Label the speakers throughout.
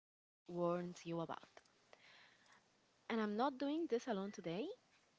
Speaker 1: really warns you about. And I'm not doing this alone today.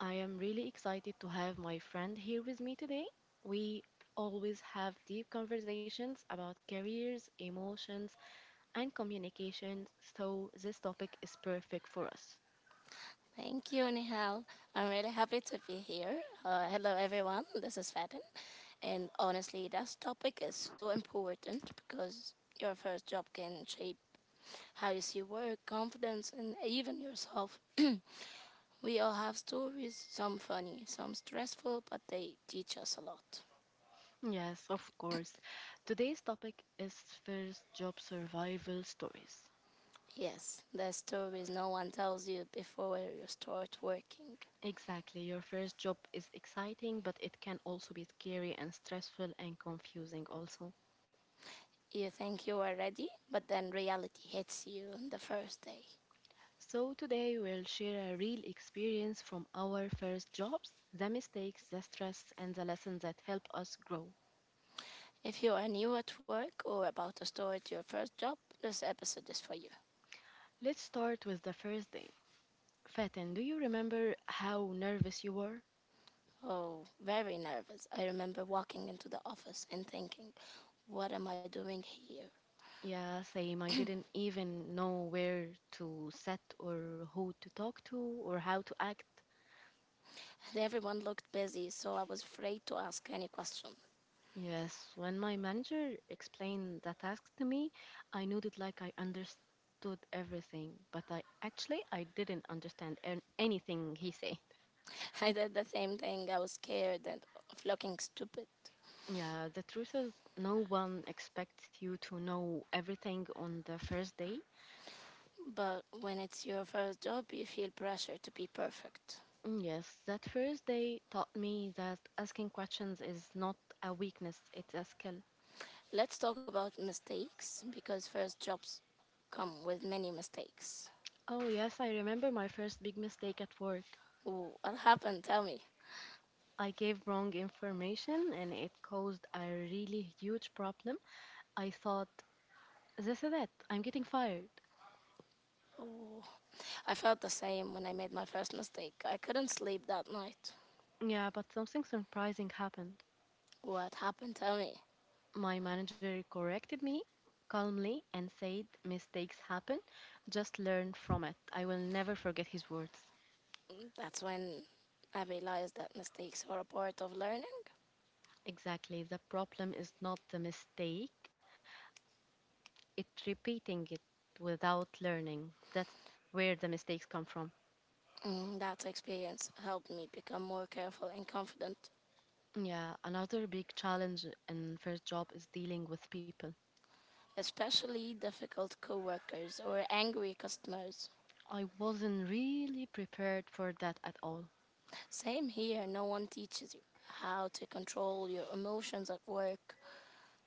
Speaker 1: I am really excited to have my friend here with me today. We always have deep conversations about careers, emotions, and communication, so this topic is perfect for us.
Speaker 2: Thank you, Nihal. I'm really happy to be here. Hello, everyone. This is Fatin. And honestly, this topic is so important because your first job can shape how you see work, confidence, and even yourself. We all have stories, some funny, some stressful, but they teach us a lot.
Speaker 1: Yes, of course. Today's topic is first job survival stories.
Speaker 2: Yes, the stories no one tells you before you start working.
Speaker 1: Exactly, your first job is exciting, but it can also be scary and stressful and confusing, also.
Speaker 2: You think you are ready, but then reality hits you on the first day.
Speaker 1: So, today we'll share a real experience from our first jobs, the mistakes, the stress, and the lessons that help us grow.
Speaker 2: If you are new at work or about to start your first job, this episode is for you.
Speaker 1: Let's start with the first day. Fatin, do you remember how nervous you were?
Speaker 2: Oh, very nervous. I remember walking into the office and thinking, what am I doing here?
Speaker 1: Yeah, same. I didn't even know where to sit or who to talk to or how to act.
Speaker 2: And everyone looked busy, so I was afraid to ask any question.
Speaker 1: Yes, when my manager explained the task to me, I nodded like I understood everything, but I actually I didn't understand anything he said.
Speaker 2: I did the same thing. I was scared and of looking stupid.
Speaker 1: Yeah, the truth is no one expects you to know everything on the first day.
Speaker 2: But when it's your first job, you feel pressure to be perfect.
Speaker 1: Mm, yes, that first day taught me that asking questions is not a weakness, it's a skill.
Speaker 2: Let's talk about mistakes because first jobs come with many mistakes.
Speaker 1: Oh, yes, I remember my first big mistake at work.
Speaker 2: Ooh, what happened? Tell me.
Speaker 1: I gave wrong information and it caused a really huge problem. I thought, this is it, I'm getting fired.
Speaker 2: Ooh, I felt the same when I made my first mistake. I couldn't sleep that night.
Speaker 1: Yeah, but something surprising happened.
Speaker 2: What happened to me?
Speaker 1: My manager corrected me calmly and said, mistakes happen, just learn from it. I will never forget his words.
Speaker 2: That's when I realized that mistakes are a part of learning.
Speaker 1: Exactly, the problem is not the mistake, it's repeating it without learning. That's where the mistakes come from.
Speaker 2: Mm, that experience helped me become more careful and confident,
Speaker 1: Yeah, another big challenge in first job is dealing with people.
Speaker 2: especially difficult coworkers or angry customers.
Speaker 1: I wasn't really prepared for that at all.
Speaker 2: Same here, no one teaches you how to control your emotions at work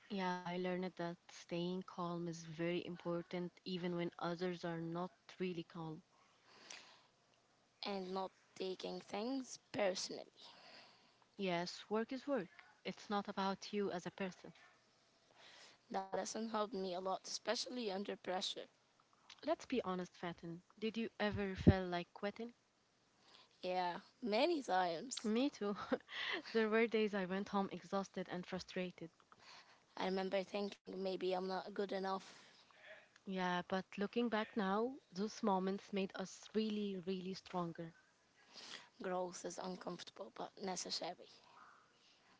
Speaker 1: Yeah, I learned that staying calm is very important even when others are not really calm.
Speaker 2: and not taking things personally.
Speaker 1: Yes, work is work. It's not about you as a person.
Speaker 2: That lesson helped me a lot, especially under pressure.
Speaker 1: Let's be honest, Fatin. Did you ever feel like quitting?
Speaker 2: Yeah, many times.
Speaker 1: Me too. There were days I went home exhausted and frustrated.
Speaker 2: I remember thinking maybe I'm not good enough.
Speaker 1: Yeah, but looking back now, those moments made us really, really stronger.
Speaker 2: Growth is uncomfortable but necessary.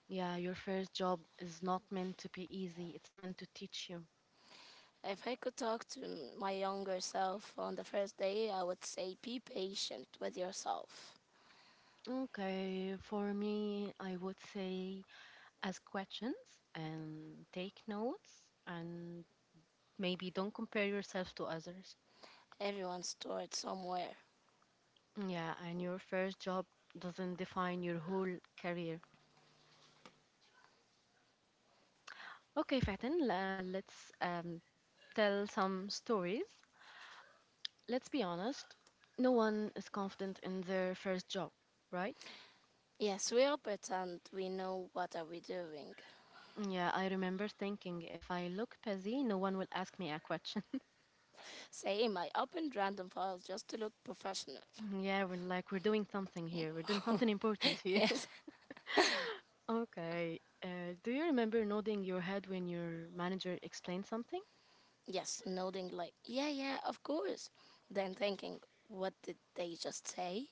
Speaker 1: Yeah, your first job is not meant to be easy, it's meant to teach you.
Speaker 2: If I could talk to my younger self on the first day, I would say be patient with yourself.
Speaker 1: Okay, for me, I would say ask questions and take notes and maybe don't compare yourself to others.
Speaker 2: Everyone's stored somewhere.
Speaker 1: Yeah, and your first job doesn't define your whole career. Okay, Fatin, let's tell some stories. Let's be honest, no one is confident in their first job, right?
Speaker 2: Yes, we all pretend we know what are we doing.
Speaker 1: Yeah, I remember thinking if I look busy, no one will ask me a question.
Speaker 2: Same, I opened random files just to look professional.
Speaker 1: Yeah, we're like, we're doing something here. We're doing something important here.
Speaker 2: Yes,
Speaker 1: Okay. Do you remember nodding your head when your manager explained something?
Speaker 2: yes, nodding like, yeah, yeah, of course. Then thinking, what did they just say?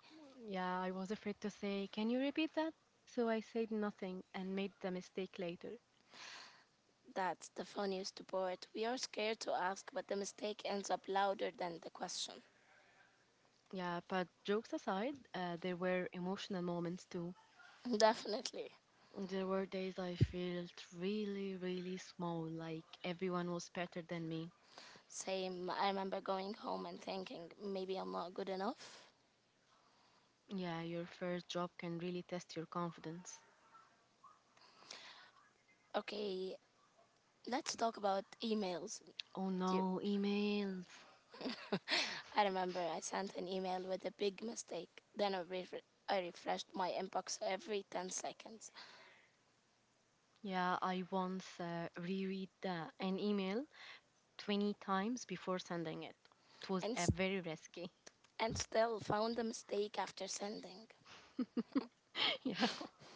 Speaker 1: Yeah, I was afraid to say, can you repeat that? So I said nothing and made the mistake later.
Speaker 2: That's the funniest part. We are scared to ask, but the mistake ends up louder than the question.
Speaker 1: Yeah, but jokes aside, there were emotional moments too.
Speaker 2: Definitely.
Speaker 1: There were days I felt really, really small, like everyone was better than me.
Speaker 2: Same. I remember going home and thinking, maybe I'm not good enough.
Speaker 1: Yeah, your first job can really test your confidence.
Speaker 2: Okay, let's talk about emails.
Speaker 1: Oh
Speaker 2: You,
Speaker 1: no, emails.
Speaker 2: I remember I sent an email with a big mistake. Then I refreshed my inbox every 10 seconds
Speaker 1: Yeah, I once reread an email 20 times before sending it. It was
Speaker 2: and, s-
Speaker 1: very risky.
Speaker 2: and still found the mistake after sending.
Speaker 1: Yeah.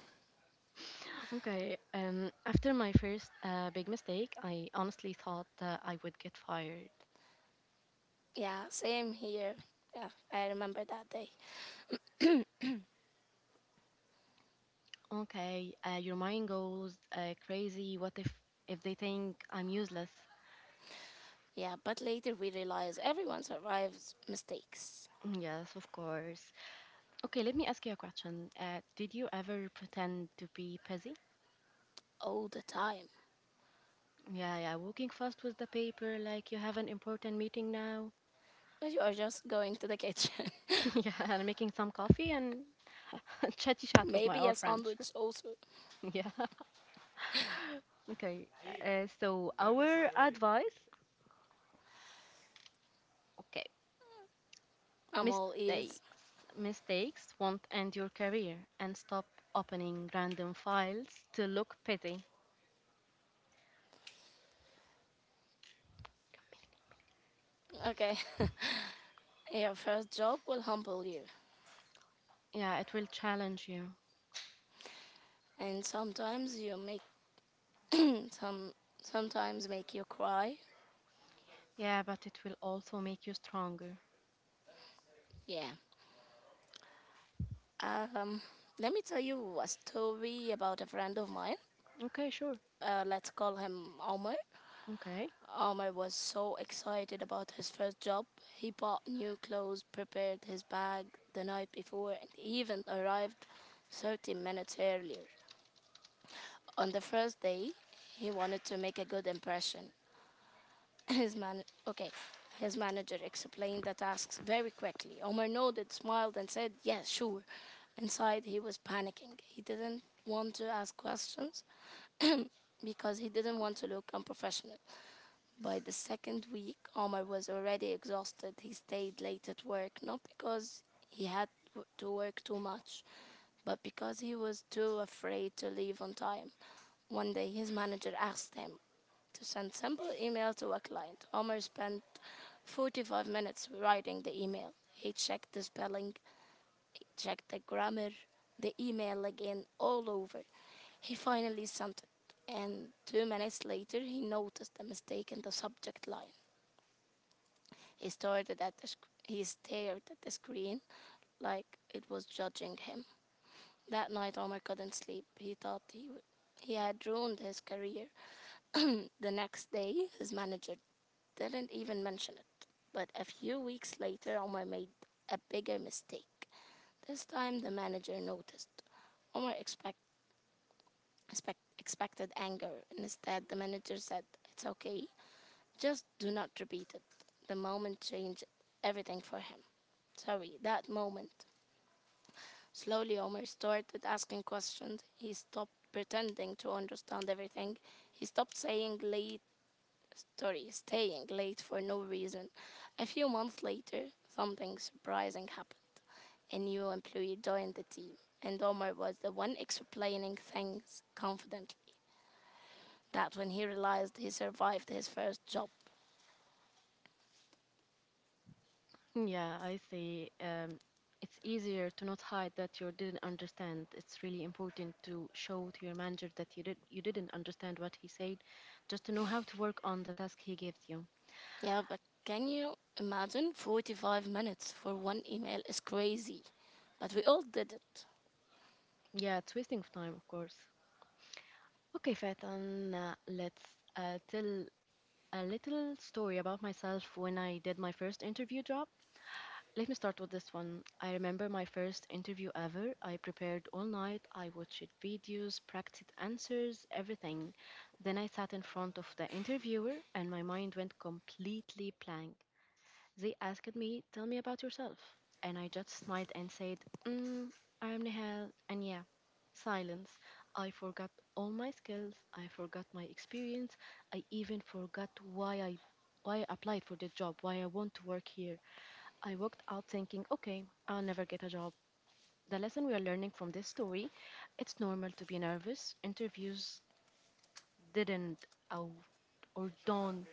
Speaker 1: Okay. After my first big mistake, I honestly thought I would get fired.
Speaker 2: Yeah, same here. Yeah, I remember that day.
Speaker 1: Okay, your mind goes crazy. What if they think I'm useless?
Speaker 2: Yeah, but later we realize everyone survives mistakes
Speaker 1: Mm, yes, of course. Okay, let me ask you a question. Did you ever pretend to be busy?
Speaker 2: all the time.
Speaker 1: Yeah, yeah, walking fast with the paper, like you have an important meeting now.
Speaker 2: But you are just going to the kitchen.
Speaker 1: Yeah, and making some coffee and chatty chat with my
Speaker 2: Maybe a
Speaker 1: old friends.
Speaker 2: sandwich also.
Speaker 1: Yeah. Okay, so our advice. Okay,
Speaker 2: I'm all ears.
Speaker 1: mistakes. Mistakes won't end your career, and stop opening random files to look petty.
Speaker 2: Okay. Your first job will humble you.
Speaker 1: Yeah, it will challenge you.
Speaker 2: And sometimes you make some sometimes make you cry.
Speaker 1: Yeah, but it will also make you stronger.
Speaker 2: Yeah. Um Let me tell you a story about a friend of mine.
Speaker 1: Okay, sure.
Speaker 2: Let's call him Omar.
Speaker 1: Okay.
Speaker 2: Omar was so excited about his first job. He bought new clothes, prepared his bag the night before, and even arrived 30 minutes earlier. On the first day, he wanted to make a good impression. His man, okay, his manager explained the tasks very quickly. Omar nodded, smiled, and said, "Yes, sure." Inside, he was panicking. He didn't want to ask questions because he didn't want to look unprofessional. By the second week, Omar was already exhausted. He stayed late at work, not because he had to work too much, but because he was too afraid to leave on time. One day, his manager asked him to send simple email to a client. Omar spent 45 minutes writing the email. He checked the spelling, checked the grammar, the email again, all over. He finally sent it, and 2 minutes later he noticed a mistake in the subject line. He started at the sc- he stared at the screen like it was judging him. That night, Omar couldn't sleep. He thought he had ruined his career. The next day, his manager didn't even mention it. But a few weeks later, Omar made a bigger mistake. This time, the manager noticed. Omar expected anger. Instead, the manager said, it's okay, just do not repeat it. The moment changed everything for him. Sorry, that moment. Slowly, Omer started asking questions. He stopped pretending to understand everything. He stopped staying late for no reason. A few months later, something surprising happened. A new employee joined the team, and Omer was the one explaining things confidently. That when he realized he survived his first job.
Speaker 1: Yeah, I see. It's easier to not hide that you didn't understand. It's really important to show to your manager that you didn't understand what he said, just to know how to work on the task he gives you.
Speaker 2: Yeah, but can you imagine 45 minutes for one email is crazy. But we all did it.
Speaker 1: Yeah, it's wasting of time, of course. Okay, Fatan, let's tell a little story about myself when I did my first interview job. Let me start with this one. I remember my first interview ever. I prepared all night. I watched videos, practiced answers, everything. Then I sat in front of the interviewer and my mind went completely blank. They asked me, tell me about yourself. And I just smiled and said, mm, I'm Nihal. And yeah, silence. I forgot all my skills. I forgot my experience. I even forgot why I applied for the job, why I want to work here. I walked out thinking, okay, I'll never get a job. The lesson we are learning from this story, it's normal to be nervous. Interviews didn't out or don't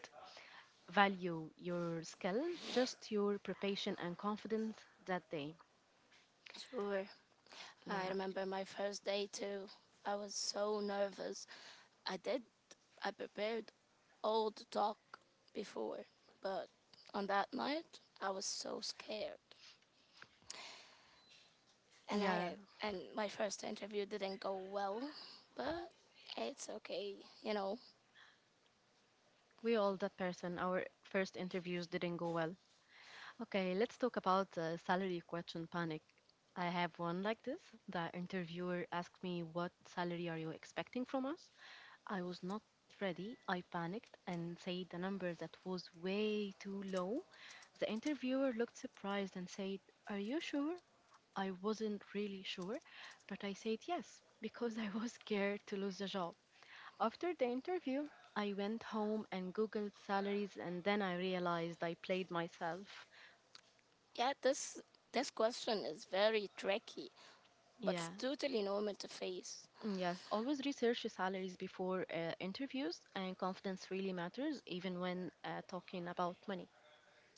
Speaker 1: value your skill, just your preparation and confidence that day.
Speaker 2: Sure. I
Speaker 1: Yeah,
Speaker 2: remember my first day too. I was so nervous. I did, I prepared all the talk before, but on that night I was so scared. And
Speaker 1: yeah,
Speaker 2: I, and my first interview didn't go well, but it's okay, you know.
Speaker 1: we all that person. Our first interviews didn't go well. Okay, let's talk about the salary question panic. I have one like this. The interviewer asked me, what salary are you expecting from us? I was not ready. I panicked and said the number that was way too low. The interviewer looked surprised and said, are you sure? I wasn't really sure, but I said yes because I was scared to lose the job. After the interview, I went home and googled salaries, and then I realized I played myself.
Speaker 2: Yeah, this question is very tricky, but
Speaker 1: Yeah,
Speaker 2: it's totally normal to face.
Speaker 1: yes, always research your salaries before interviews, and confidence really matters, even when talking about money.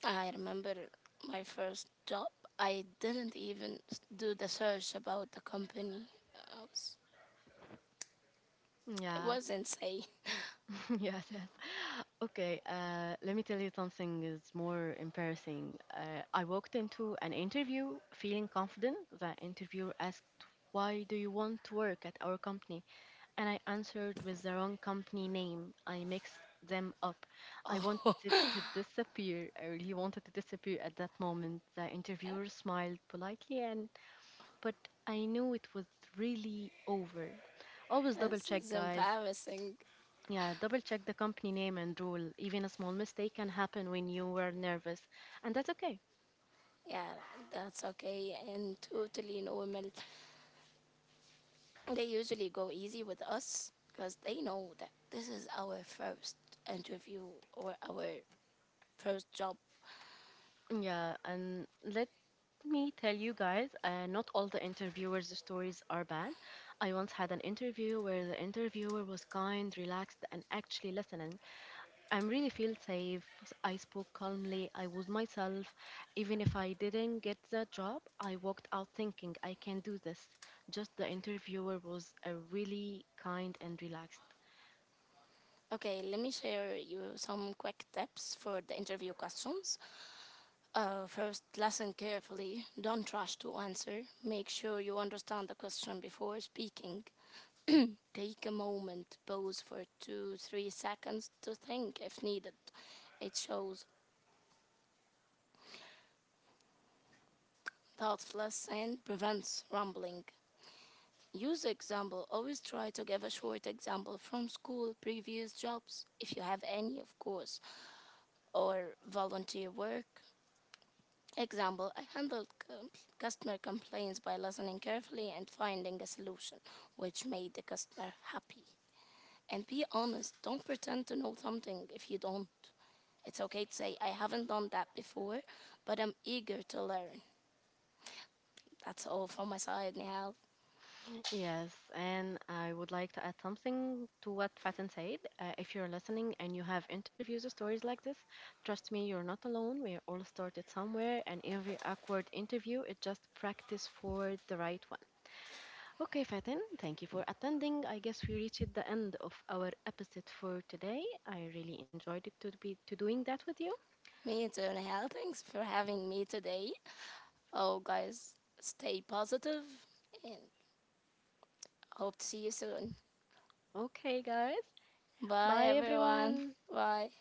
Speaker 2: I remember my first job. I didn't even do the search about the company. I was, it
Speaker 1: Yeah.
Speaker 2: was insane.
Speaker 1: Yes, yes. Okay, let me tell you something is more embarrassing. I walked into an interview feeling confident. The interviewer asked, why do you want to work at our company? And I answered with the wrong company name. I mixed them up. I wanted to disappear. I really wanted to disappear at that moment. The interviewer smiled politely, and but I knew it was really over. Always double
Speaker 2: This
Speaker 1: check,
Speaker 2: is
Speaker 1: guys.
Speaker 2: embarrassing.
Speaker 1: Yeah, double check the company name and rule. Even a small mistake can happen when you were nervous, and that's okay.
Speaker 2: Yeah, that's okay and totally normal. They usually go easy with us because they know that this is our first interview or our first job.
Speaker 1: Yeah, and let me tell you guys, not all the interviewers' stories are bad. I once had an interview where the interviewer was kind, relaxed, and actually listening. I really feel safe. I spoke calmly. I was myself. Even if I didn't get the job, I walked out thinking I can do this. Just the interviewer was a really kind and relaxed.
Speaker 2: Okay, let me share you some quick tips for the interview questions. First, listen carefully. Don't rush to answer. Make sure you understand the question before speaking. Take a moment, pause for 2, 3 seconds to think if needed. It shows thoughtfulness and prevents rambling. Use example. Always try to give a short example from school, previous jobs, if you have any, of course, or volunteer work. Example, I handled customer complaints by listening carefully and finding a solution which made the customer happy. And be honest, don't pretend to know something if you don't. It's okay to say, I haven't done that before, but I'm eager to learn. That's all from my side, Nihal.
Speaker 1: Yes, and I would like to add something to what Fatin said. If you're listening and you have interviews or stories like this, trust me, you're not alone. We all started somewhere, and every awkward interview is just practice for the right one. Okay, Fatin, thank you for attending. I guess we reached the end of our episode for today. I really enjoyed it to be to doing that with you.
Speaker 2: Me too, Nihal. Thanks for having me today. Oh, guys, stay positive and hope to see you soon.
Speaker 1: Okay, guys,
Speaker 2: Bye,
Speaker 1: bye
Speaker 2: everyone.
Speaker 1: everyone.
Speaker 2: Bye.